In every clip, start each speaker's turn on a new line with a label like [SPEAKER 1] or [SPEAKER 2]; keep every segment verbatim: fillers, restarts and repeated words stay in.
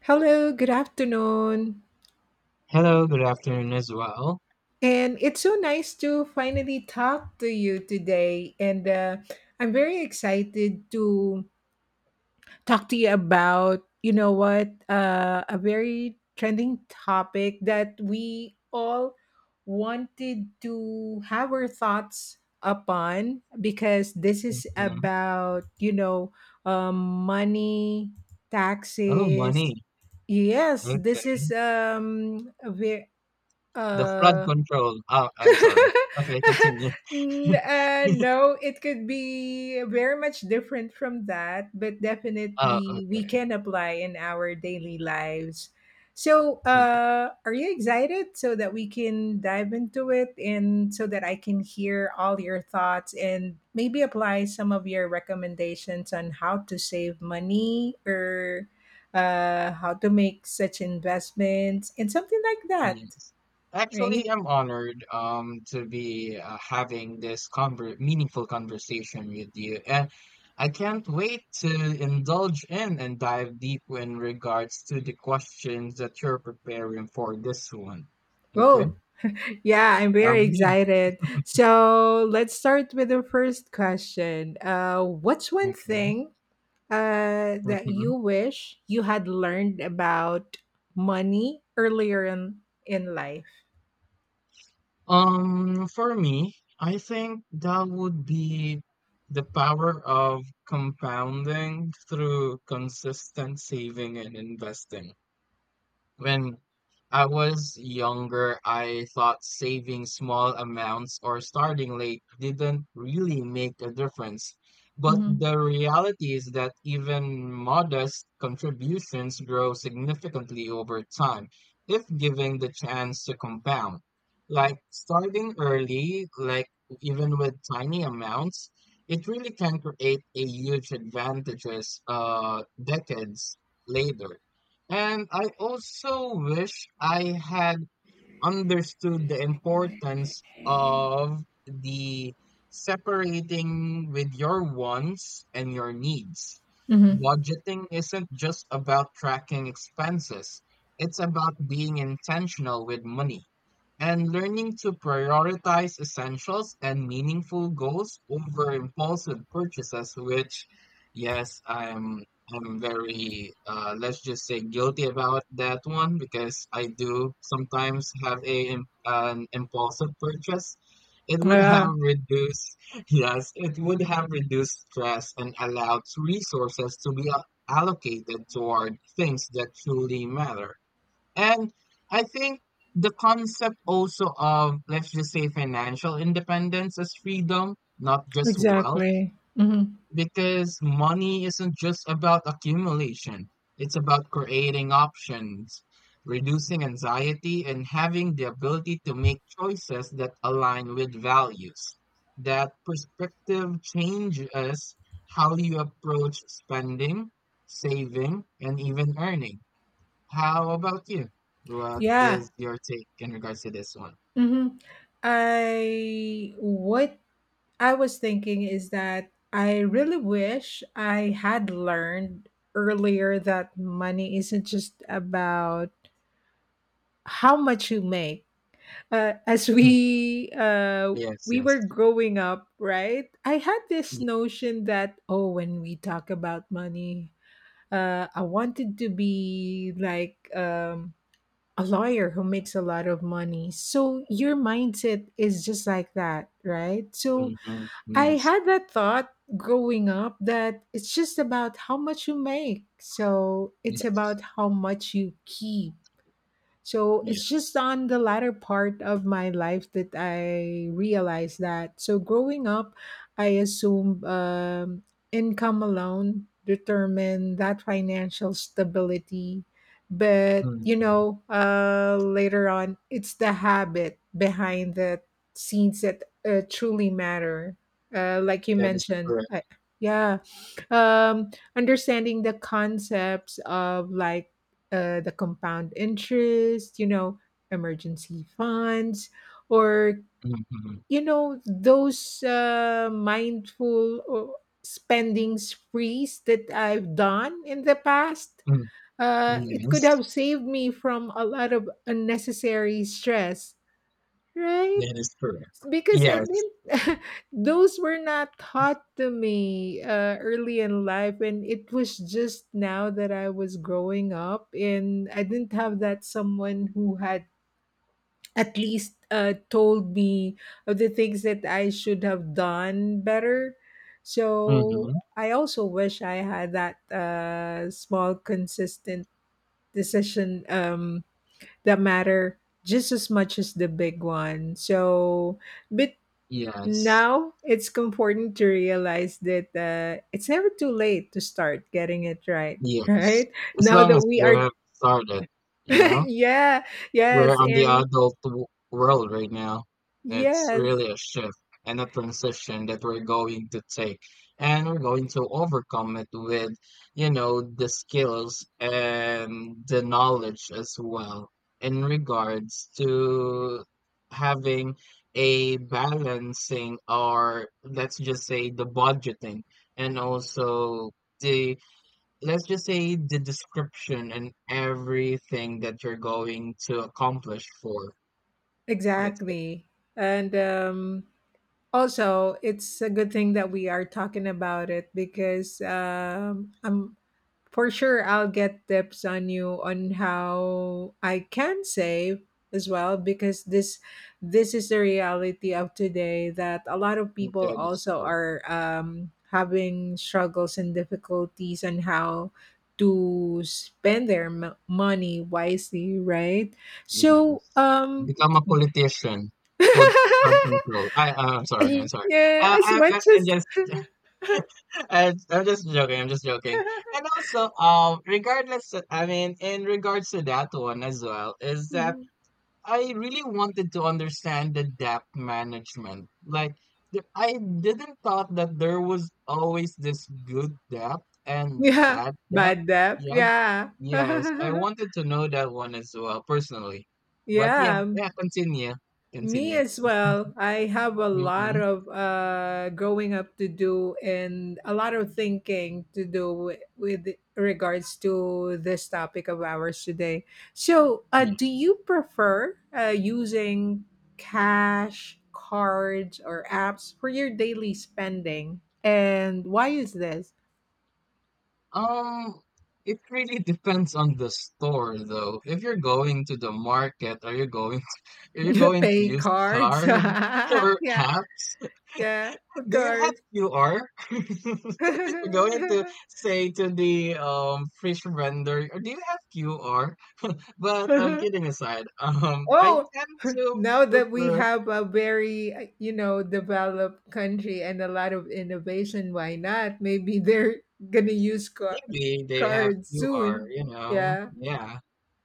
[SPEAKER 1] Hello, good afternoon.
[SPEAKER 2] Hello, good afternoon as well.
[SPEAKER 1] And it's so nice to finally talk to you today. And uh, I'm very excited to talk to you about, you know what, uh, a very trending topic that we all wanted to have our thoughts upon because this is
[SPEAKER 2] Hmm.
[SPEAKER 1] about, you know, um, money,
[SPEAKER 2] Oh,
[SPEAKER 1] taxes.
[SPEAKER 2] money.
[SPEAKER 1] Yes, this is
[SPEAKER 2] Okay.
[SPEAKER 1] um, a very
[SPEAKER 2] The flood
[SPEAKER 1] Uh,
[SPEAKER 2] control. Oh, I'm sorry. Okay, continue.
[SPEAKER 1] n- uh, no, it could be very much different from that, but
[SPEAKER 2] Oh,
[SPEAKER 1] definitely we
[SPEAKER 2] okay.
[SPEAKER 1] can apply in our daily lives. So,
[SPEAKER 2] Like,
[SPEAKER 1] uh, are you excited so that we can dive into it and so that I can hear all your thoughts and maybe apply some of your recommendations on how to save money or uh, how to make such investments and something like that,
[SPEAKER 2] yes. Actually,
[SPEAKER 1] right?
[SPEAKER 2] I'm honored um to be uh, having this conver meaningful conversation with you, and I can't wait to indulge in and dive deep in regards to the questions that you're preparing for this one. Okay.
[SPEAKER 1] Oh, yeah, I'm
[SPEAKER 2] Um,
[SPEAKER 1] very
[SPEAKER 2] yeah.
[SPEAKER 1] excited. So let's start with the first question. Uh, what's one
[SPEAKER 2] Okay.
[SPEAKER 1] thing uh, that
[SPEAKER 2] Mm-hmm.
[SPEAKER 1] you wish you had learned about money earlier in, in life?
[SPEAKER 2] Um, for me, I think that would be the power of compounding through consistent saving and investing. When I was younger, I thought saving small amounts or starting late didn't really make a difference. But
[SPEAKER 1] Mm-hmm.
[SPEAKER 2] the reality is that even modest contributions grow significantly over time if given the chance to compound. Like starting early, like even with tiny amounts, it really can create a huge advantages uh, decades later. And I also wish I had understood the importance of the separating with your wants and your needs.
[SPEAKER 1] Mm-hmm.
[SPEAKER 2] Budgeting isn't just about tracking expenses, it's about being intentional with money and learning to prioritize essentials and meaningful goals over impulsive purchases, which, yes, I'm I am very, uh, let's just say, guilty about that one because I do sometimes have a im- an impulsive purchase. It would
[SPEAKER 1] Yeah.
[SPEAKER 2] have reduced, yes, it would have reduced stress and allowed resources to be a- allocated toward things that truly matter. And I think the concept also of, let's just say, financial independence as freedom, not just wealth,
[SPEAKER 1] Exactly. Mhm.
[SPEAKER 2] because money isn't just about accumulation, it's about creating options, reducing anxiety, and having the ability to make choices that align with values. That perspective changes how you approach spending, saving, and even earning. How about you? What
[SPEAKER 1] Yeah.
[SPEAKER 2] is your take in regards to this one?
[SPEAKER 1] Mhm. I what I was thinking is that I really wish I had learned earlier that money isn't just about how much you make. Uh, as
[SPEAKER 2] Mm,
[SPEAKER 1] we uh,
[SPEAKER 2] yes,
[SPEAKER 1] we
[SPEAKER 2] yes.
[SPEAKER 1] were growing up, right? I had this notion that oh, when we talk about money, uh, I wanted to be like um, a lawyer who makes a lot of money. So your mindset is just like that, right? So
[SPEAKER 2] Mhm,
[SPEAKER 1] I
[SPEAKER 2] yes,
[SPEAKER 1] had that thought growing up that it's just about how much you make. So it's
[SPEAKER 2] yes,
[SPEAKER 1] about how much you keep, so it's just
[SPEAKER 2] yes.
[SPEAKER 1] on the latter part of my life that I realized that. So growing up, I assumed um, income alone determined that financial stability. But, you
[SPEAKER 2] Mm-hmm.
[SPEAKER 1] know, uh, later on, it's the habit behind the scenes that uh, truly matter. Uh, like you
[SPEAKER 2] That is
[SPEAKER 1] mentioned,
[SPEAKER 2] correct.
[SPEAKER 1] I, yeah. Um, understanding the concepts of like uh, the compound interest, you know, emergency funds, or
[SPEAKER 2] Mhm.
[SPEAKER 1] you know those uh, mindful uh, spending sprees that I've done in the past.
[SPEAKER 2] Mm,
[SPEAKER 1] Uh, it could
[SPEAKER 2] yes.
[SPEAKER 1] have saved me from a lot of unnecessary stress, right?
[SPEAKER 2] That is correct.
[SPEAKER 1] Because I
[SPEAKER 2] Yes.
[SPEAKER 1] didn't those were not taught to me uh, early in life, and it was just now that I was growing up, and I didn't have that someone who had at least uh, told me of the things that I should have done better. So
[SPEAKER 2] Mhm.
[SPEAKER 1] I also wish I had that uh, small, consistent decision um, that matter just as much as the big one. So but
[SPEAKER 2] Yes.
[SPEAKER 1] now it's important to realize that uh, it's never too late to start getting it right,
[SPEAKER 2] Yes.
[SPEAKER 1] right?
[SPEAKER 2] As
[SPEAKER 1] Now
[SPEAKER 2] long
[SPEAKER 1] that
[SPEAKER 2] as
[SPEAKER 1] we
[SPEAKER 2] you
[SPEAKER 1] are,
[SPEAKER 2] have started, you know?
[SPEAKER 1] yeah,
[SPEAKER 2] We're
[SPEAKER 1] yes,
[SPEAKER 2] on the
[SPEAKER 1] and
[SPEAKER 2] adult w- world right now. It's
[SPEAKER 1] yes,
[SPEAKER 2] really a shift and a transition that we're going to take. And we're going to overcome it with, you know, the skills and the knowledge as well in regards to having a balancing, or let's just say the budgeting, and also the, let's just say, the description and everything that you're going to accomplish for, let's say,
[SPEAKER 1] exactly. And um, also, it's a good thing that we are talking about it because um, I'm. For sure, I'll get tips on you on how I can save as well because this this is the reality of today that a lot of people
[SPEAKER 2] that is
[SPEAKER 1] also
[SPEAKER 2] correct.
[SPEAKER 1] are um, having struggles and difficulties on how to spend their m- money wisely, right? So,
[SPEAKER 2] Yes.
[SPEAKER 1] um,
[SPEAKER 2] Become a politician. Food crowd control. I I'm sorry, I'm sorry.
[SPEAKER 1] yeah,
[SPEAKER 2] Uh,
[SPEAKER 1] as
[SPEAKER 2] I, I,
[SPEAKER 1] much
[SPEAKER 2] I'm
[SPEAKER 1] as
[SPEAKER 2] just I, I'm just joking, I'm just joking. And also um regardless, I mean, in regards to that one as well, is that I really wanted to understand the debt management. Like, th- I didn't thought that there was always this good debt and
[SPEAKER 1] yeah,
[SPEAKER 2] bad debt.
[SPEAKER 1] bad debt,
[SPEAKER 2] Yeah,
[SPEAKER 1] yeah.
[SPEAKER 2] yes, I wanted to know that one as well personally. But yeah,
[SPEAKER 1] Yeah.
[SPEAKER 2] yeah, continue,
[SPEAKER 1] Me
[SPEAKER 2] continue.
[SPEAKER 1] as well. I have a lot
[SPEAKER 2] Mm-mm,
[SPEAKER 1] of uh, growing up to do and a lot of thinking to do with, with regards to this topic of ours today. So, uh, do
[SPEAKER 2] yes.
[SPEAKER 1] you prefer uh, using cash, cards, or apps for your daily spending? And why is this?
[SPEAKER 2] Um, it really depends on the store, though. If you're going to the market, are you going? To, are you going to
[SPEAKER 1] Pay
[SPEAKER 2] use
[SPEAKER 1] cards.
[SPEAKER 2] card or
[SPEAKER 1] Yeah,
[SPEAKER 2] app?
[SPEAKER 1] yeah, of
[SPEAKER 2] Do you have
[SPEAKER 1] course.
[SPEAKER 2] Q R? You're going to say to the um fish vendor, "Uh, Do you have Q R?" But um, kidding aside, um, I
[SPEAKER 1] Oh,
[SPEAKER 2] tend to
[SPEAKER 1] now that we
[SPEAKER 2] prefer.
[SPEAKER 1] have a very, you know, developed country and a lot of innovation, why not? Maybe they're going to use ca-
[SPEAKER 2] Maybe they have
[SPEAKER 1] cards
[SPEAKER 2] Q R.
[SPEAKER 1] soon.
[SPEAKER 2] You know,
[SPEAKER 1] Yeah.
[SPEAKER 2] yeah.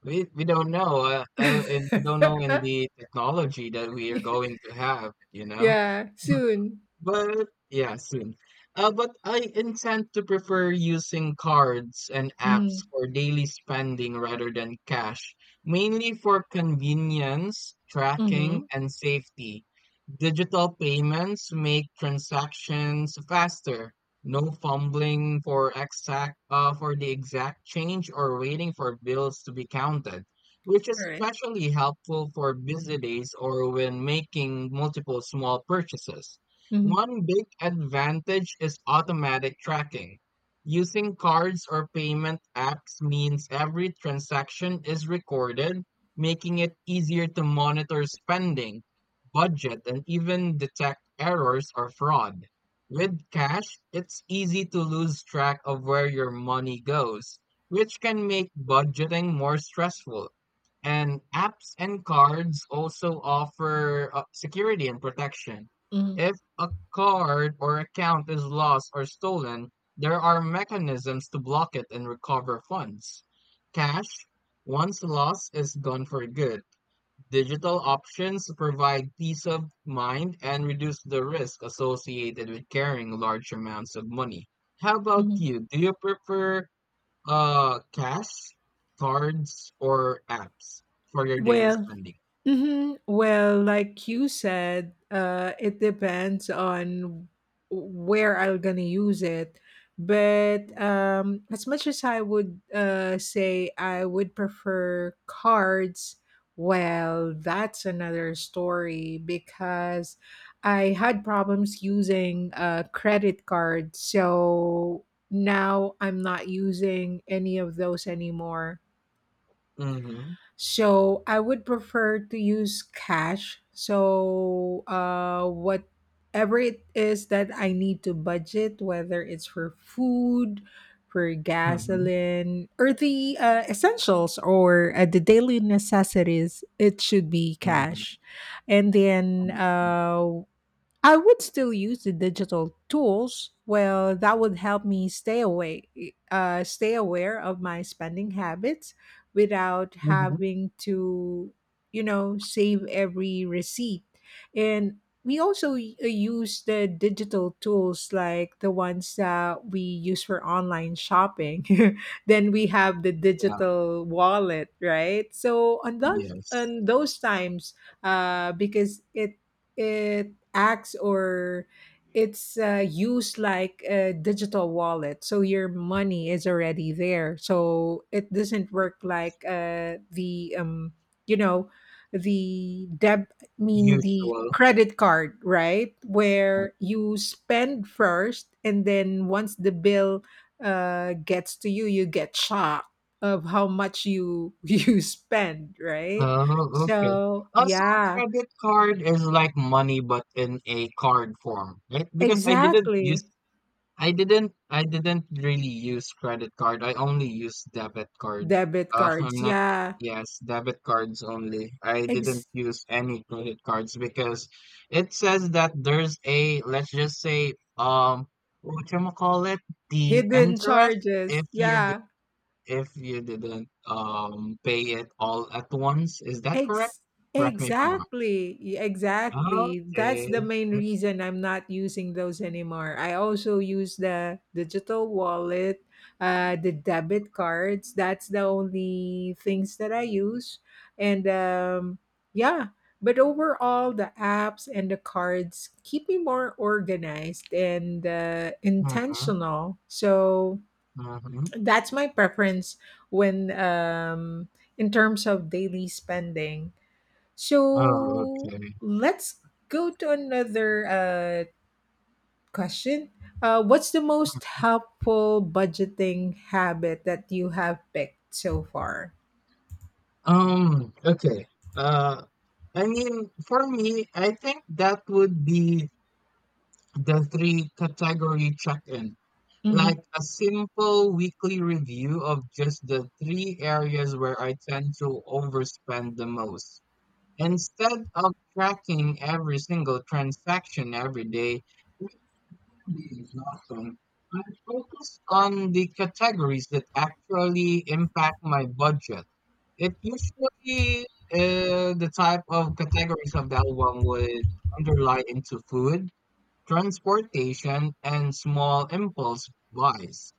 [SPEAKER 2] We we don't know, uh, uh, and we don't know in the technology that we are going to have. You know.
[SPEAKER 1] Yeah, soon.
[SPEAKER 2] But yeah, soon. Uh, but I intend to prefer using cards and apps
[SPEAKER 1] Mm-hmm.
[SPEAKER 2] for daily spending rather than cash, mainly for convenience, tracking,
[SPEAKER 1] Mm-hmm.
[SPEAKER 2] and safety. Digital payments make transactions faster. No fumbling for exact uh, for the exact change or waiting for bills to be counted, which is
[SPEAKER 1] All right.
[SPEAKER 2] especially helpful for busy days or when making multiple small purchases.
[SPEAKER 1] Mm-hmm.
[SPEAKER 2] One big advantage is automatic tracking. Using cards or payment apps means every transaction is recorded, making it easier to monitor spending, budget, and even detect errors or fraud. With cash, it's easy to lose track of where your money goes, which can make budgeting more stressful. And apps and cards also offer uh, security and protection.
[SPEAKER 1] Mm-hmm.
[SPEAKER 2] If a card or account is lost or stolen, there are mechanisms to block it and recover funds. Cash, once lost, is gone for good. Digital options provide peace of mind and reduce the risk associated with carrying large amounts of money. How about you? Do you prefer uh cash, cards, or apps for your daily
[SPEAKER 1] Well,
[SPEAKER 2] spending?
[SPEAKER 1] hmm, well, like you said, uh, it depends on where I'm gonna use it. But um, as much as I would uh, say I would prefer cards, well, that's another story because I had problems using uh, credit cards. So now I'm not using any of those anymore.
[SPEAKER 2] Mm-hmm.
[SPEAKER 1] So I would prefer to use cash. So uh, whatever it is that I need to budget, whether it's for food, for
[SPEAKER 2] Mm-hmm.
[SPEAKER 1] gasoline, or the uh, essentials or uh, the daily necessities, it should be
[SPEAKER 2] Mm-hmm.
[SPEAKER 1] cash. And
[SPEAKER 2] I
[SPEAKER 1] then
[SPEAKER 2] see.
[SPEAKER 1] uh, I would still use the digital tools. Well, that would help me stay away, uh, stay aware of my spending habits without
[SPEAKER 2] Mm-hmm.
[SPEAKER 1] having to, you know, save every receipt. And we also y- uh, use the digital tools like the ones that we use for online shopping. Then we have the
[SPEAKER 2] Yeah.
[SPEAKER 1] digital wallet, right? So on those
[SPEAKER 2] Yes.
[SPEAKER 1] on those times, uh, because it it acts or it's uh, used like a digital wallet, so your money is already there, so it doesn't work like uh, the um, you know, the deb I mean the
[SPEAKER 2] Usual.
[SPEAKER 1] credit card, right, where you spend first and then once the bill uh, gets to you you get shocked of how much you you spend, right?
[SPEAKER 2] Oh, okay.
[SPEAKER 1] So
[SPEAKER 2] Also,
[SPEAKER 1] yeah,
[SPEAKER 2] credit card is like money, but in a card form, right? Because I didn't use
[SPEAKER 1] exactly.
[SPEAKER 2] I didn't I didn't really use credit card. I only use debit card.
[SPEAKER 1] Debit
[SPEAKER 2] Uh,
[SPEAKER 1] cards,
[SPEAKER 2] I'm not.
[SPEAKER 1] yeah.
[SPEAKER 2] Yes, debit cards only. I didn't
[SPEAKER 1] Ex
[SPEAKER 2] use any credit cards because it says that there's a, let's just say, um what you call it, the
[SPEAKER 1] Hidden
[SPEAKER 2] interest, if
[SPEAKER 1] charges,
[SPEAKER 2] you di-
[SPEAKER 1] yeah.
[SPEAKER 2] if you didn't um pay it all at once. Is that correct?
[SPEAKER 1] Ex
[SPEAKER 2] Correct me if I'm wrong.
[SPEAKER 1] exactly, y- exactly. That's the
[SPEAKER 2] Okay.
[SPEAKER 1] main reason I'm not using those anymore. I also use the digital wallet, uh, the debit cards. That's the only things that I use. And um, yeah. But overall, the apps and the cards keep me more organized and uh,
[SPEAKER 2] Mm-hmm.
[SPEAKER 1] intentional. So,
[SPEAKER 2] Mm-hmm.
[SPEAKER 1] that's my preference when um in terms of daily spending.
[SPEAKER 2] Oh,
[SPEAKER 1] So
[SPEAKER 2] okay.
[SPEAKER 1] let's go to another uh question. Uh, what's the most helpful budgeting habit that you have picked so far?
[SPEAKER 2] Um, okay. Uh, I mean, for me, I think that would be the three category check-in, like
[SPEAKER 1] Mhm,
[SPEAKER 2] a simple weekly review of just the three areas where I tend to overspend the most. Instead of tracking every single transaction every day, which would be exhausting, I focus on the categories that actually impact my budget. It's usually uh, the type of categories of that one would underlie into food, transportation, and small impulse buys.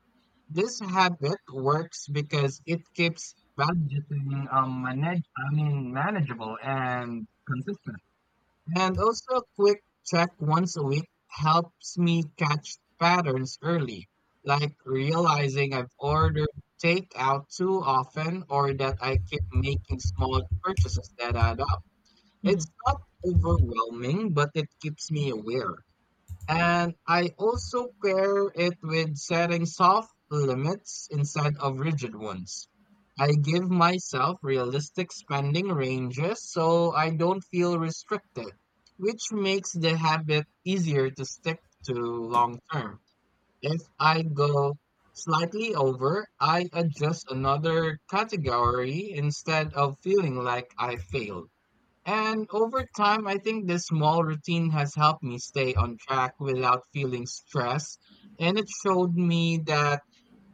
[SPEAKER 2] This habit works because it keeps budgeting um, manage I mean manageable and consistent. And also a quick check once a week helps me catch patterns early, like realizing I've ordered takeout too often or that I keep making small purchases that add up.
[SPEAKER 1] mhm.
[SPEAKER 2] It's not overwhelming, but it keeps me aware. And I also pair it with setting soft limits instead of rigid ones. I give myself realistic spending ranges so I don't feel restricted, which makes the habit easier to stick to long term. If I go slightly over, I adjust another category instead of feeling like I failed. And over time, I think this small routine has helped me stay on track without feeling stress. And it showed me that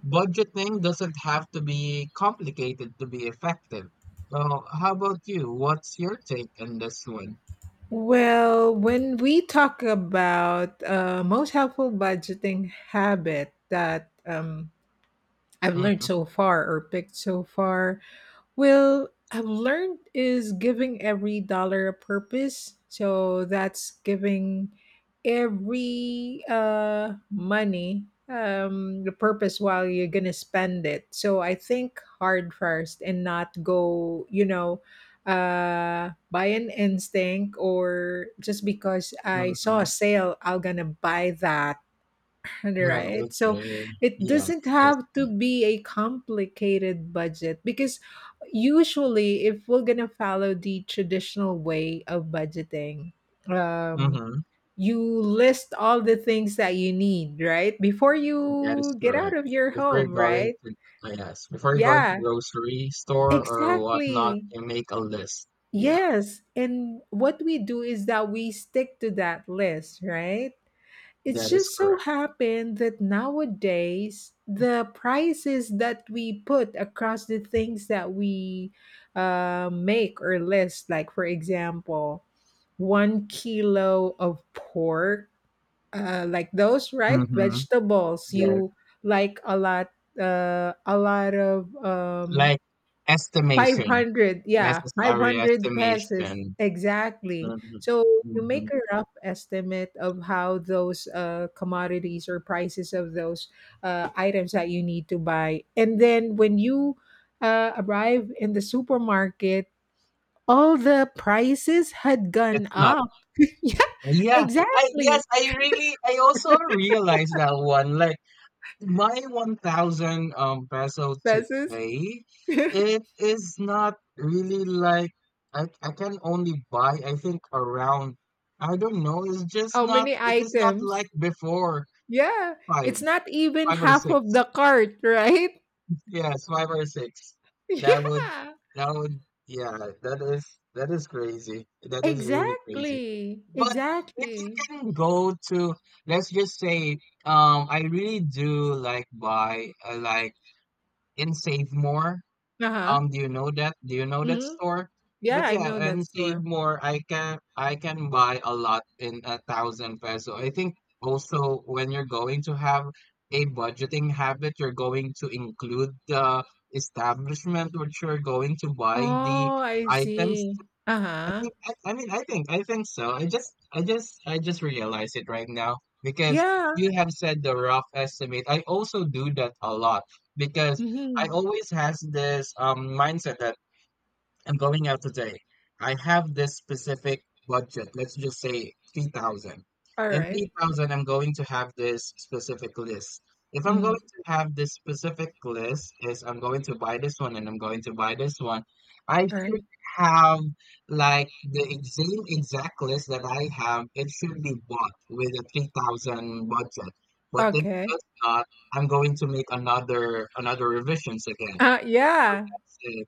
[SPEAKER 2] budgeting doesn't have to be complicated to be effective. So, how about you? What's your take on this one?
[SPEAKER 1] Well, when we talk about uh, most helpful budgeting habit that um, I've learned
[SPEAKER 2] Mm-hmm,
[SPEAKER 1] so far or picked so far, well, I've learned is giving every dollar a purpose. So that's giving every uh, money um, the purpose while you're gonna spend it. So I think hard first and not go, you know, uh, by an instinct or just because I saw
[SPEAKER 2] mm-hmm.
[SPEAKER 1] a sale, I'm gonna buy that.
[SPEAKER 2] Well,
[SPEAKER 1] Right. So
[SPEAKER 2] okay.
[SPEAKER 1] it
[SPEAKER 2] Yes,
[SPEAKER 1] doesn't
[SPEAKER 2] that's
[SPEAKER 1] have to
[SPEAKER 2] good.
[SPEAKER 1] be a complicated budget because usually if we're going to follow the traditional way of budgeting, um
[SPEAKER 2] Mm-hmm.
[SPEAKER 1] you list all the things that you need, right? Before
[SPEAKER 2] That is
[SPEAKER 1] you get out
[SPEAKER 2] correct.
[SPEAKER 1] of your
[SPEAKER 2] Before you're
[SPEAKER 1] home,
[SPEAKER 2] going
[SPEAKER 1] right?
[SPEAKER 2] to, yes, before you're going to
[SPEAKER 1] Yeah,
[SPEAKER 2] grocery store or whatnot,
[SPEAKER 1] exactly.
[SPEAKER 2] you make a list. Yeah,
[SPEAKER 1] Yes. And what we do is that we stick to that list, right? It
[SPEAKER 2] that is
[SPEAKER 1] just so
[SPEAKER 2] correct.
[SPEAKER 1] happened that nowadays the prices that we put across the things that we uh, make or list, like for example, one kilo of pork, uh, like those, right?
[SPEAKER 2] Mm-hmm.
[SPEAKER 1] Vegetables
[SPEAKER 2] Yes.
[SPEAKER 1] you like a lot, uh, a lot of um,
[SPEAKER 2] Like estimation,
[SPEAKER 1] five hundred, yeah,
[SPEAKER 2] necessary
[SPEAKER 1] five hundred pesos.
[SPEAKER 2] estimation.
[SPEAKER 1] Exactly.
[SPEAKER 2] Mm-hmm.
[SPEAKER 1] So you
[SPEAKER 2] Mm-hmm.
[SPEAKER 1] make a rough estimate of how those uh, commodities or prices of those uh, items that you need to buy. And then when you uh, arrive in the supermarket, all the prices had gone
[SPEAKER 2] It's not.
[SPEAKER 1] up. Yeah,
[SPEAKER 2] Yeah. I
[SPEAKER 1] exactly.
[SPEAKER 2] Yes, I really I also realized that one. Like my one thousand um peso
[SPEAKER 1] Pesos.
[SPEAKER 2] today, it is not really like I I can only buy, I think, around, I don't know, it's just
[SPEAKER 1] How
[SPEAKER 2] not,
[SPEAKER 1] many
[SPEAKER 2] it is not
[SPEAKER 1] items?
[SPEAKER 2] like before.
[SPEAKER 1] Yeah,
[SPEAKER 2] Five,
[SPEAKER 1] it's not even
[SPEAKER 2] five or
[SPEAKER 1] half of
[SPEAKER 2] six.
[SPEAKER 1] the cart, right?
[SPEAKER 2] Yes, five or six. That would
[SPEAKER 1] Yeah.
[SPEAKER 2] that would yeah, that is that is crazy. That is really crazy.
[SPEAKER 1] Exactly,
[SPEAKER 2] But if you
[SPEAKER 1] exactly.
[SPEAKER 2] can go to, let's just say, um I really do like buy, uh, like, in Save More.
[SPEAKER 1] Uh-huh.
[SPEAKER 2] Um, do you know that? Do you know that
[SPEAKER 1] Mhm.
[SPEAKER 2] store?
[SPEAKER 1] Yeah,
[SPEAKER 2] But
[SPEAKER 1] I
[SPEAKER 2] yeah,
[SPEAKER 1] know that
[SPEAKER 2] and Save
[SPEAKER 1] store.
[SPEAKER 2] More, I can I can buy a lot in a thousand peso. I think also when you're going to have a budgeting habit, you're going to include the establishment which you're going to buy the
[SPEAKER 1] Oh, I
[SPEAKER 2] items.
[SPEAKER 1] see.
[SPEAKER 2] I
[SPEAKER 1] Uh-huh.
[SPEAKER 2] think I, I mean, I think I think so. I just I just I just realized it right now because
[SPEAKER 1] Yeah.
[SPEAKER 2] you have said the rough estimate. I also do that a lot because I
[SPEAKER 1] Mhm.
[SPEAKER 2] always has this um mindset that I'm going out today. I have this specific budget. Let's just say three thousand.
[SPEAKER 1] All
[SPEAKER 2] In
[SPEAKER 1] right.
[SPEAKER 2] three thousand, I'm going to have this specific list. If I'm going
[SPEAKER 1] Mhm.
[SPEAKER 2] to have this specific list, is I'm going to buy this one and I'm going to buy this one, I
[SPEAKER 1] All right.
[SPEAKER 2] should have like the ex- same exact list that I have. It should be bought with a three thousand budget. But if
[SPEAKER 1] Okay.
[SPEAKER 2] it's not, I'm going to make another another revisions again.
[SPEAKER 1] Uh, yeah.
[SPEAKER 2] So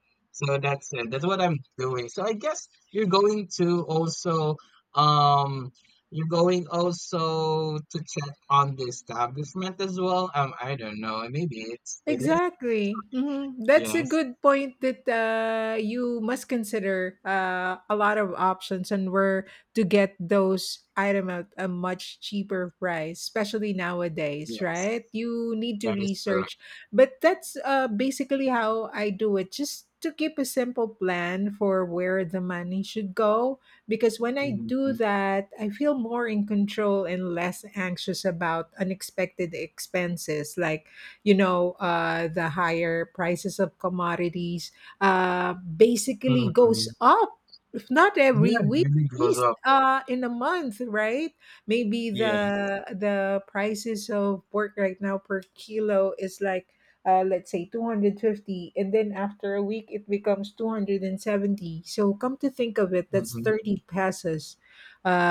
[SPEAKER 2] so that's it. That's what I'm doing. So I guess you're going to also um you're going also to check on the establishment as well. Um, I don't know. Maybe it's it is.
[SPEAKER 1] Exactly. Hmm, that's a
[SPEAKER 2] Yes,
[SPEAKER 1] good point that uh, you must consider uh, a lot of options and where to get those item at a much cheaper price, especially nowadays,
[SPEAKER 2] yes,
[SPEAKER 1] right? You need to
[SPEAKER 2] that is correct.
[SPEAKER 1] research, but that's uh, basically how I do it. Just to keep a simple plan for where the money should go, because when I do
[SPEAKER 2] Hmm.
[SPEAKER 1] that, I feel more in control and less anxious about unexpected expenses like, you know, uh, the higher prices of commodities uh, basically goes
[SPEAKER 2] Hmm.
[SPEAKER 1] up, if not every
[SPEAKER 2] Yeah, it
[SPEAKER 1] week,
[SPEAKER 2] really
[SPEAKER 1] at
[SPEAKER 2] goes
[SPEAKER 1] least
[SPEAKER 2] up.
[SPEAKER 1] uh, in a month, right? Maybe
[SPEAKER 2] Yes.
[SPEAKER 1] the the prices of pork right now per kilo is like uh, let's say two hundred fifty, and then after a week it becomes two hundred seventy, so come to think of it, that's
[SPEAKER 2] Mm-hmm.
[SPEAKER 1] thirty pesos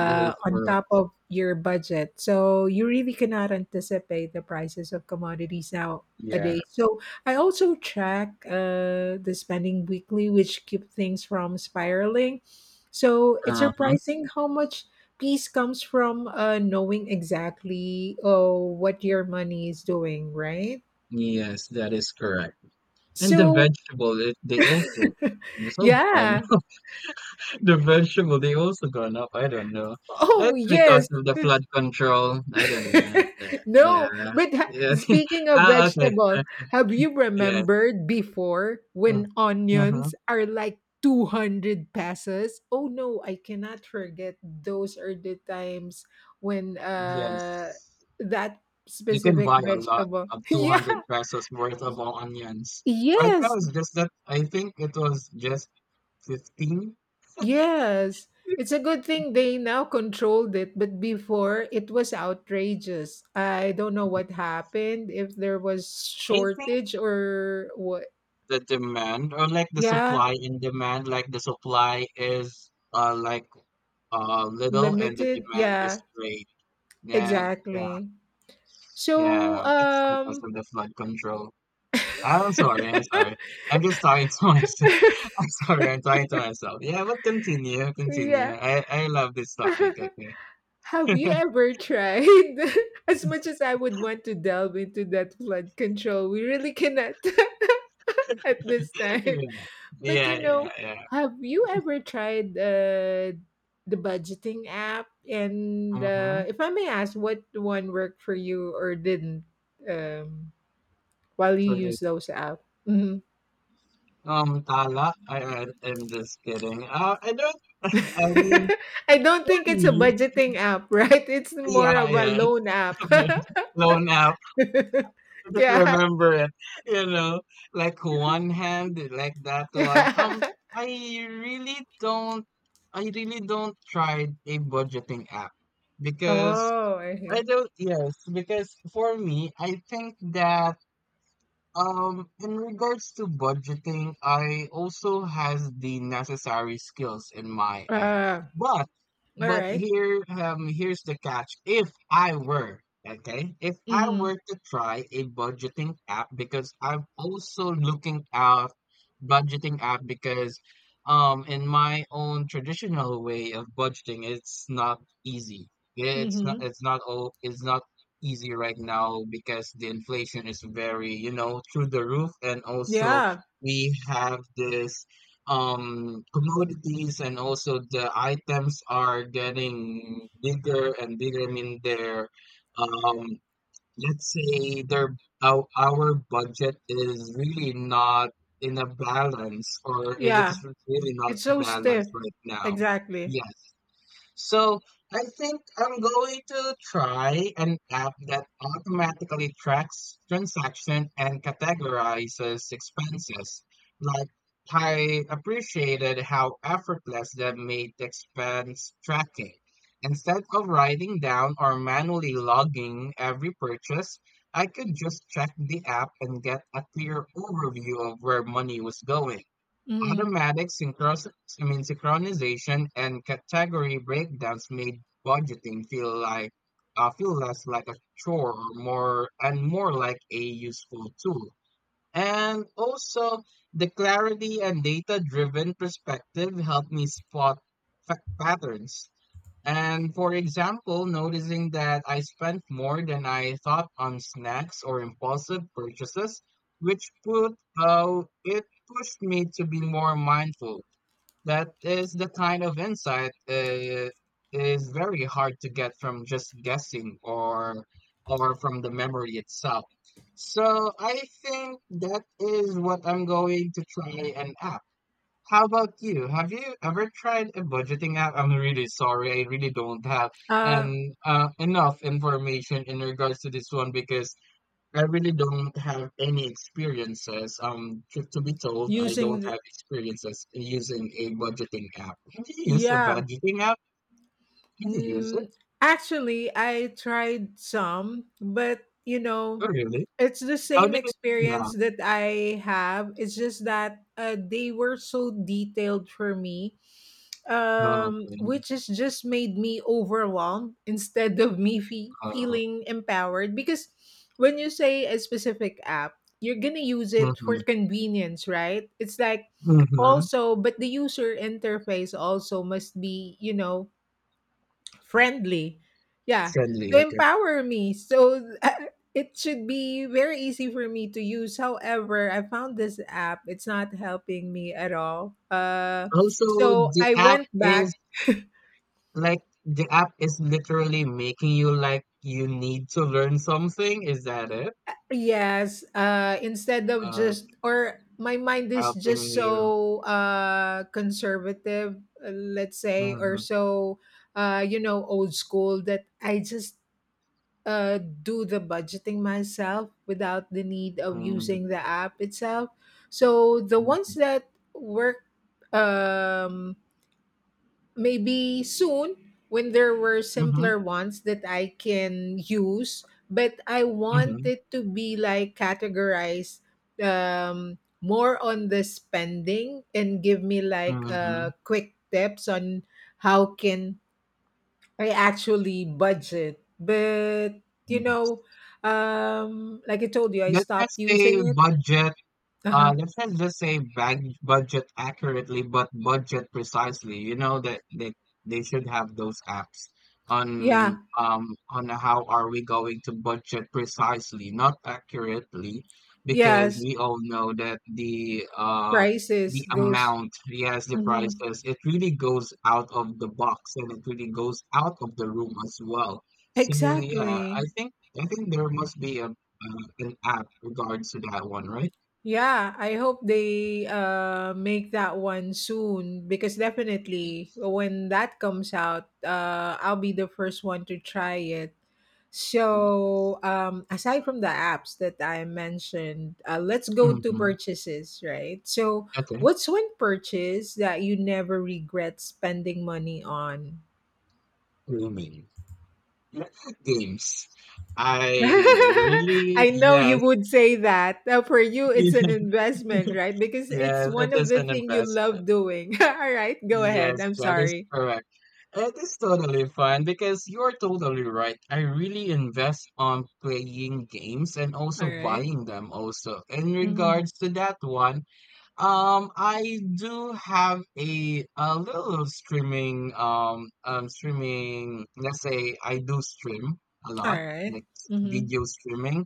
[SPEAKER 2] That is
[SPEAKER 1] on
[SPEAKER 2] correct.
[SPEAKER 1] top of your budget. So you really cannot anticipate the prices of commodities
[SPEAKER 2] Yeah.
[SPEAKER 1] nowadays. So I also track uh, the spending weekly, which keep things from spiraling. So it's
[SPEAKER 2] Uh-huh.
[SPEAKER 1] surprising how much peace comes from uh, knowing exactly oh, what your money is doing, right?
[SPEAKER 2] Yes, that is correct. And the
[SPEAKER 1] So
[SPEAKER 2] vegetable, it, they also, it's all gone.
[SPEAKER 1] yeah.
[SPEAKER 2] The vegetable, they also gone up. I don't know.
[SPEAKER 1] Oh,
[SPEAKER 2] It's because
[SPEAKER 1] yes.
[SPEAKER 2] of the flood control. I don't know that. Yeah.
[SPEAKER 1] No, but ha-
[SPEAKER 2] Yeah.
[SPEAKER 1] speaking of
[SPEAKER 2] Ah, okay.
[SPEAKER 1] vegetable,
[SPEAKER 2] Okay,
[SPEAKER 1] have you
[SPEAKER 2] yes.
[SPEAKER 1] remembered before
[SPEAKER 2] Mm.
[SPEAKER 1] when
[SPEAKER 2] Mm-hmm.
[SPEAKER 1] onions are like two hundred pesos? Oh no, I cannot forget those are the times when uh
[SPEAKER 2] Yes.
[SPEAKER 1] that
[SPEAKER 2] You can
[SPEAKER 1] specific
[SPEAKER 2] buy a lot
[SPEAKER 1] vegetable.
[SPEAKER 2] of
[SPEAKER 1] Yeah.
[SPEAKER 2] two hundred pesos worth of onions. Right now,
[SPEAKER 1] Yes.
[SPEAKER 2] it's just that I think it was just fifteen.
[SPEAKER 1] Yes, it's a good thing they now controlled it, but before it was outrageous. I don't know what happened, if there was
[SPEAKER 2] I think
[SPEAKER 1] shortage or what.
[SPEAKER 2] the demand or like the
[SPEAKER 1] Yeah,
[SPEAKER 2] supply and demand, like the supply is uh like uh little and the
[SPEAKER 1] limited.
[SPEAKER 2] demand
[SPEAKER 1] Yeah,
[SPEAKER 2] is great. Yeah, yeah,
[SPEAKER 1] exactly. So,
[SPEAKER 2] yeah. It's because
[SPEAKER 1] um,
[SPEAKER 2] of the flood control. I'm sorry, I'm sorry. I'm just talking to myself. I'm sorry, I'm talking to myself. Yeah, but continue, continue.
[SPEAKER 1] yeah.
[SPEAKER 2] I I love this topic. Okay.
[SPEAKER 1] Have you ever tried? As much as I would want to delve into that flood control, we really cannot at this time.
[SPEAKER 2] Yeah,
[SPEAKER 1] But
[SPEAKER 2] yeah,
[SPEAKER 1] you
[SPEAKER 2] yeah,
[SPEAKER 1] know,
[SPEAKER 2] yeah.
[SPEAKER 1] have you ever tried uh, the budgeting app? And
[SPEAKER 2] Mm-hmm.
[SPEAKER 1] uh, if I may ask, what one worked for you or didn't um, while you
[SPEAKER 2] So the
[SPEAKER 1] use those apps? Mhm.
[SPEAKER 2] um Tala, I, I I'm just kidding. Uh, I don't. I mean,
[SPEAKER 1] I don't
[SPEAKER 2] for
[SPEAKER 1] think it's a
[SPEAKER 2] me,
[SPEAKER 1] budgeting app, right? It's more
[SPEAKER 2] yeah,
[SPEAKER 1] of a
[SPEAKER 2] yeah. It's
[SPEAKER 1] loan app.
[SPEAKER 2] a bit loan out. Just
[SPEAKER 1] Yeah,
[SPEAKER 2] remember it, you know, like one hand, like that one. Um,
[SPEAKER 1] yeah.
[SPEAKER 2] I really don't, I really don't try a budgeting app because
[SPEAKER 1] Oh, I
[SPEAKER 2] I
[SPEAKER 1] see.
[SPEAKER 2] don't, yes, because for me, I think that um, in regards to budgeting, I also has the necessary skills in my end.
[SPEAKER 1] Uh,
[SPEAKER 2] But
[SPEAKER 1] all
[SPEAKER 2] but
[SPEAKER 1] right.
[SPEAKER 2] here um here's the catch. If I were, okay, if I were
[SPEAKER 1] Mm-hmm.
[SPEAKER 2] to try a budgeting app because I'm also looking out budgeting app because um in my own traditional way of budgeting, it's not easy. It's not
[SPEAKER 1] Mm-hmm.
[SPEAKER 2] it's not all it's not easy right now because the inflation is very, you know, through the roof. And also
[SPEAKER 1] Yeah,
[SPEAKER 2] we have this um commodities and also the items are getting bigger and bigger. I mean they're um let's say their our, our budget is really not in a balance or it is
[SPEAKER 1] yeah.
[SPEAKER 2] really not
[SPEAKER 1] It's so stiff.
[SPEAKER 2] balanced right now.
[SPEAKER 1] Exactly.
[SPEAKER 2] Yes. So I think I'm going to try an app that automatically tracks transaction and categorizes expenses. Like I appreciated how effortless that made expense tracking. Instead of writing down or manually logging every purchase, I could just check the app and get a clear overview of where money was going.
[SPEAKER 1] Mhm.
[SPEAKER 2] Automatic synchros- I mean, synchronization and category breakdowns made budgeting feel like uh, feel less like a chore or more and more like a useful tool. And also, the clarity and data-driven perspective helped me spot fa- patterns and for example, noticing that I spent more than I thought on snacks or impulsive purchases, which put uh, it pushed me to be more mindful. That is the kind of insight uh, is very hard to get from just guessing or or from the memory itself. So I think that is what I'm going to try and app. How about you? Have you ever tried a budgeting app? I'm really sorry, I really don't have
[SPEAKER 1] Uh,
[SPEAKER 2] an uh, enough information in regards to this one because I really don't have any experiences. Um, to, to be told, I
[SPEAKER 1] using
[SPEAKER 2] don't
[SPEAKER 1] the,
[SPEAKER 2] have experiences using a budgeting app. Have you used a
[SPEAKER 1] yeah.
[SPEAKER 2] budgeting app? Did you use it?
[SPEAKER 1] Mm, actually, I tried some, but you know,
[SPEAKER 2] Oh, really?
[SPEAKER 1] it's the
[SPEAKER 2] How
[SPEAKER 1] same
[SPEAKER 2] did it turn
[SPEAKER 1] experience
[SPEAKER 2] out?
[SPEAKER 1] that I have. It's just that uh, they were so detailed for me
[SPEAKER 2] Oh,
[SPEAKER 1] um,
[SPEAKER 2] okay.
[SPEAKER 1] which has just made me overwhelmed instead of me fe-
[SPEAKER 2] Uh,
[SPEAKER 1] feeling empowered. Because when you say a specific app, you're gonna use it for
[SPEAKER 2] mm-hmm.
[SPEAKER 1] convenience, right? It's like
[SPEAKER 2] Mm-hmm.
[SPEAKER 1] also, but the user interface also must be, you know, friendly. Yeah,
[SPEAKER 2] Friendly,
[SPEAKER 1] to
[SPEAKER 2] okay.
[SPEAKER 1] empower me. So it should be very easy for me to use. However, I found this app. It's not helping me at all. Uh,
[SPEAKER 2] Also,
[SPEAKER 1] so
[SPEAKER 2] the
[SPEAKER 1] I
[SPEAKER 2] app
[SPEAKER 1] went
[SPEAKER 2] is
[SPEAKER 1] back.
[SPEAKER 2] like the app is literally making you like you need to learn something. Is that it?
[SPEAKER 1] Yes, uh, instead of
[SPEAKER 2] Uh,
[SPEAKER 1] just or my mind is
[SPEAKER 2] helping
[SPEAKER 1] just
[SPEAKER 2] you.
[SPEAKER 1] so uh, conservative, uh, let's say, or
[SPEAKER 2] Mm-hmm,
[SPEAKER 1] so uh, you know old school that I just uh, do the budgeting myself without the need of
[SPEAKER 2] mm-hmm,
[SPEAKER 1] using the app itself. So the ones that work, um, maybe soon when there were
[SPEAKER 2] mm-hmm,
[SPEAKER 1] simpler ones that I can use, but I want
[SPEAKER 2] mm-hmm,
[SPEAKER 1] it to be like categorized, um, more on the spending and give me like
[SPEAKER 2] mm-hmm.
[SPEAKER 1] uh, quick tips on how can I actually budget. But you
[SPEAKER 2] Yeah.
[SPEAKER 1] know, um, like I told you, I
[SPEAKER 2] Let's
[SPEAKER 1] stopped
[SPEAKER 2] just say
[SPEAKER 1] using it.
[SPEAKER 2] budget. Uh,
[SPEAKER 1] Uh-huh.
[SPEAKER 2] let's not just say bag budget accurately, but budget precisely. You know that they, they should have those apps on
[SPEAKER 1] Yeah.
[SPEAKER 2] um on how are we going to budget precisely, not accurately, because
[SPEAKER 1] Yes.
[SPEAKER 2] we all know that the uh
[SPEAKER 1] Prices
[SPEAKER 2] the
[SPEAKER 1] goes.
[SPEAKER 2] amount, yes, the
[SPEAKER 1] Mhm.
[SPEAKER 2] prices, it really goes out of the box and it really goes out of the room as well. So yeah, I
[SPEAKER 1] Exactly.
[SPEAKER 2] think I think there must be a uh, an app regards to that one, right?
[SPEAKER 1] Yeah, I hope they uh, make that one soon because definitely when that comes out, uh, I'll be the first one to try it. So, um, aside from the apps that I mentioned, uh, let's go to
[SPEAKER 2] Mhm.
[SPEAKER 1] purchases, right? So,
[SPEAKER 2] Okay.
[SPEAKER 1] what's one purchase that you never regret spending money on?
[SPEAKER 2] Gaming. Games. I really
[SPEAKER 1] I know you
[SPEAKER 2] yes.
[SPEAKER 1] would say that. Uh, for you, it's an investment, right? Because it's
[SPEAKER 2] Yes,
[SPEAKER 1] one
[SPEAKER 2] it
[SPEAKER 1] of
[SPEAKER 2] is
[SPEAKER 1] the
[SPEAKER 2] an
[SPEAKER 1] thing you love
[SPEAKER 2] investment.
[SPEAKER 1] doing. All right, go ahead.
[SPEAKER 2] Yes,
[SPEAKER 1] I'm
[SPEAKER 2] that is
[SPEAKER 1] sorry.
[SPEAKER 2] correct. It is totally fine because you're totally right. I really invest on playing games and
[SPEAKER 1] All
[SPEAKER 2] also
[SPEAKER 1] right.
[SPEAKER 2] buying them also. In
[SPEAKER 1] Mhm.
[SPEAKER 2] regards to that one, Um, I do have a a little streaming um um streaming. Let's say I do stream a
[SPEAKER 1] All
[SPEAKER 2] lot,
[SPEAKER 1] right.
[SPEAKER 2] like
[SPEAKER 1] Mhm.
[SPEAKER 2] video streaming.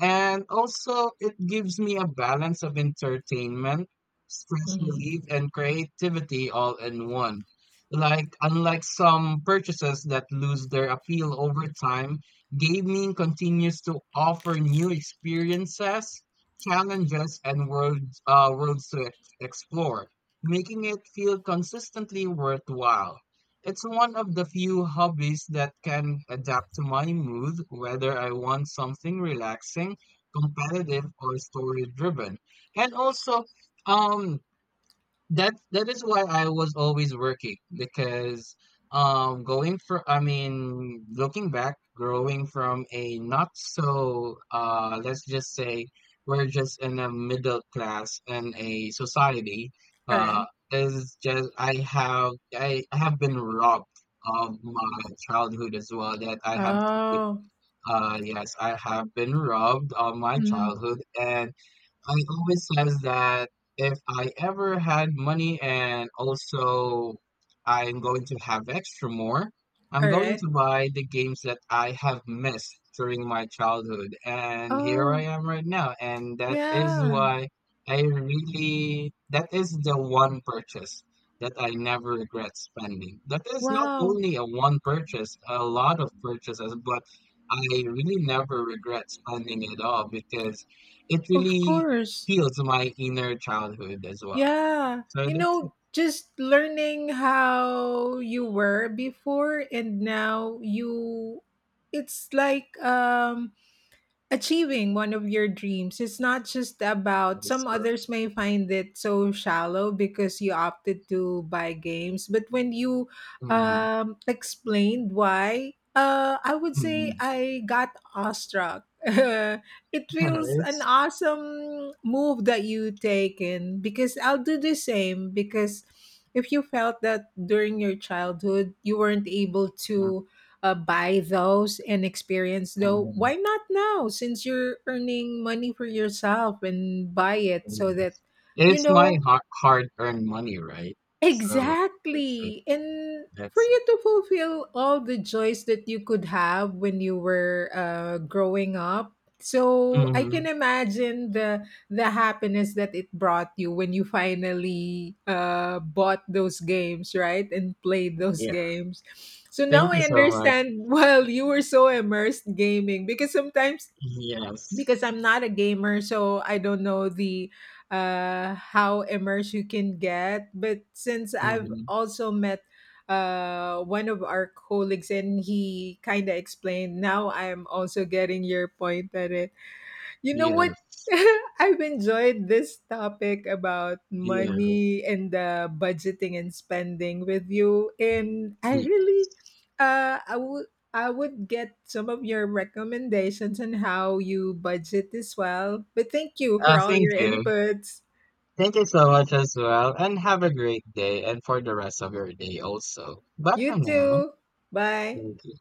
[SPEAKER 2] And also, it gives me a balance of entertainment, stress
[SPEAKER 1] Mhm.
[SPEAKER 2] relief, and creativity all in one. Like, unlike some purchases that lose their appeal over time, gaming continues to offer new experiences, challenges, and worlds, uh, worlds to ex- explore, making it feel consistently worthwhile. It's one of the few hobbies that can adapt to my mood, whether I want something relaxing, competitive, or story driven. And also, um, that's that is why I was always working because um going for I mean looking back growing from a not so uh let's just say we're just in a middle class in a society
[SPEAKER 1] All
[SPEAKER 2] uh
[SPEAKER 1] right.
[SPEAKER 2] is just I have I have been robbed of my childhood as well that I have to keep
[SPEAKER 1] Oh.
[SPEAKER 2] uh yes I have been robbed of my
[SPEAKER 1] Mhm.
[SPEAKER 2] childhood and I always says that if I ever had money and also I'm going to have extra more, I'm
[SPEAKER 1] All
[SPEAKER 2] going
[SPEAKER 1] right.
[SPEAKER 2] to buy the games that I have missed during my childhood. And here I
[SPEAKER 1] Oh.
[SPEAKER 2] am right now. And that is
[SPEAKER 1] Yeah.
[SPEAKER 2] why I really, that is the one purchase that I never regret spending. That is not
[SPEAKER 1] Wow.
[SPEAKER 2] only a one purchase, a lot of purchases, but I really never regret spending it all because it
[SPEAKER 1] Of
[SPEAKER 2] really
[SPEAKER 1] course.
[SPEAKER 2] heals my inner childhood as well.
[SPEAKER 1] Yeah.
[SPEAKER 2] So
[SPEAKER 1] You
[SPEAKER 2] that's
[SPEAKER 1] know, just learning how you were before and now you, it's like um achieving one of your dreams. It's not just
[SPEAKER 2] that
[SPEAKER 1] about
[SPEAKER 2] is
[SPEAKER 1] some
[SPEAKER 2] good.
[SPEAKER 1] others may find it so shallow because you opted to buy games, but when you
[SPEAKER 2] Mhm.
[SPEAKER 1] um, explained why, uh, I would say
[SPEAKER 2] Mhm.
[SPEAKER 1] I got awestruck. It feels an
[SPEAKER 2] It's
[SPEAKER 1] awesome move that you taken because I'll do the same because if you felt that during your childhood you weren't able to uh, buy those and experience though
[SPEAKER 2] mhm.
[SPEAKER 1] why not now since you're earning money for yourself and buy it so that
[SPEAKER 2] Yes.
[SPEAKER 1] you
[SPEAKER 2] It's my
[SPEAKER 1] know.
[SPEAKER 2] hard hard-earned money, right? So that's it.
[SPEAKER 1] Exactly. And for
[SPEAKER 2] That's it.
[SPEAKER 1] you to fulfill all the joys that you could have when you were uh, growing up. So I can
[SPEAKER 2] Hmm.
[SPEAKER 1] imagine the the happiness that it brought you when you finally uh, bought those games, right? And played those
[SPEAKER 2] Yeah.
[SPEAKER 1] games. So now
[SPEAKER 2] Thank you
[SPEAKER 1] I
[SPEAKER 2] so much.
[SPEAKER 1] understand. Well, you were so immersed gaming because sometimes
[SPEAKER 2] Yes.
[SPEAKER 1] because I'm not a gamer, so I don't know the uh, how immersed you can get. But since I've
[SPEAKER 2] Hmm.
[SPEAKER 1] also met uh, one of our colleagues and he kind of explained, now I'm also getting your point that you know
[SPEAKER 2] Yeah.
[SPEAKER 1] what? I've enjoyed this topic about
[SPEAKER 2] Yeah.
[SPEAKER 1] money and uh, budgeting and spending with you, and I
[SPEAKER 2] Yeah.
[SPEAKER 1] really, uh, I would. I would get some of your recommendations on how you budget as well. But thank you for
[SPEAKER 2] Uh,
[SPEAKER 1] all
[SPEAKER 2] thank
[SPEAKER 1] your
[SPEAKER 2] you.
[SPEAKER 1] inputs.
[SPEAKER 2] Thank you so much as well, and have a great day and for the rest of your day also. Bye for
[SPEAKER 1] You
[SPEAKER 2] now.
[SPEAKER 1] too. Bye.
[SPEAKER 2] Thank you.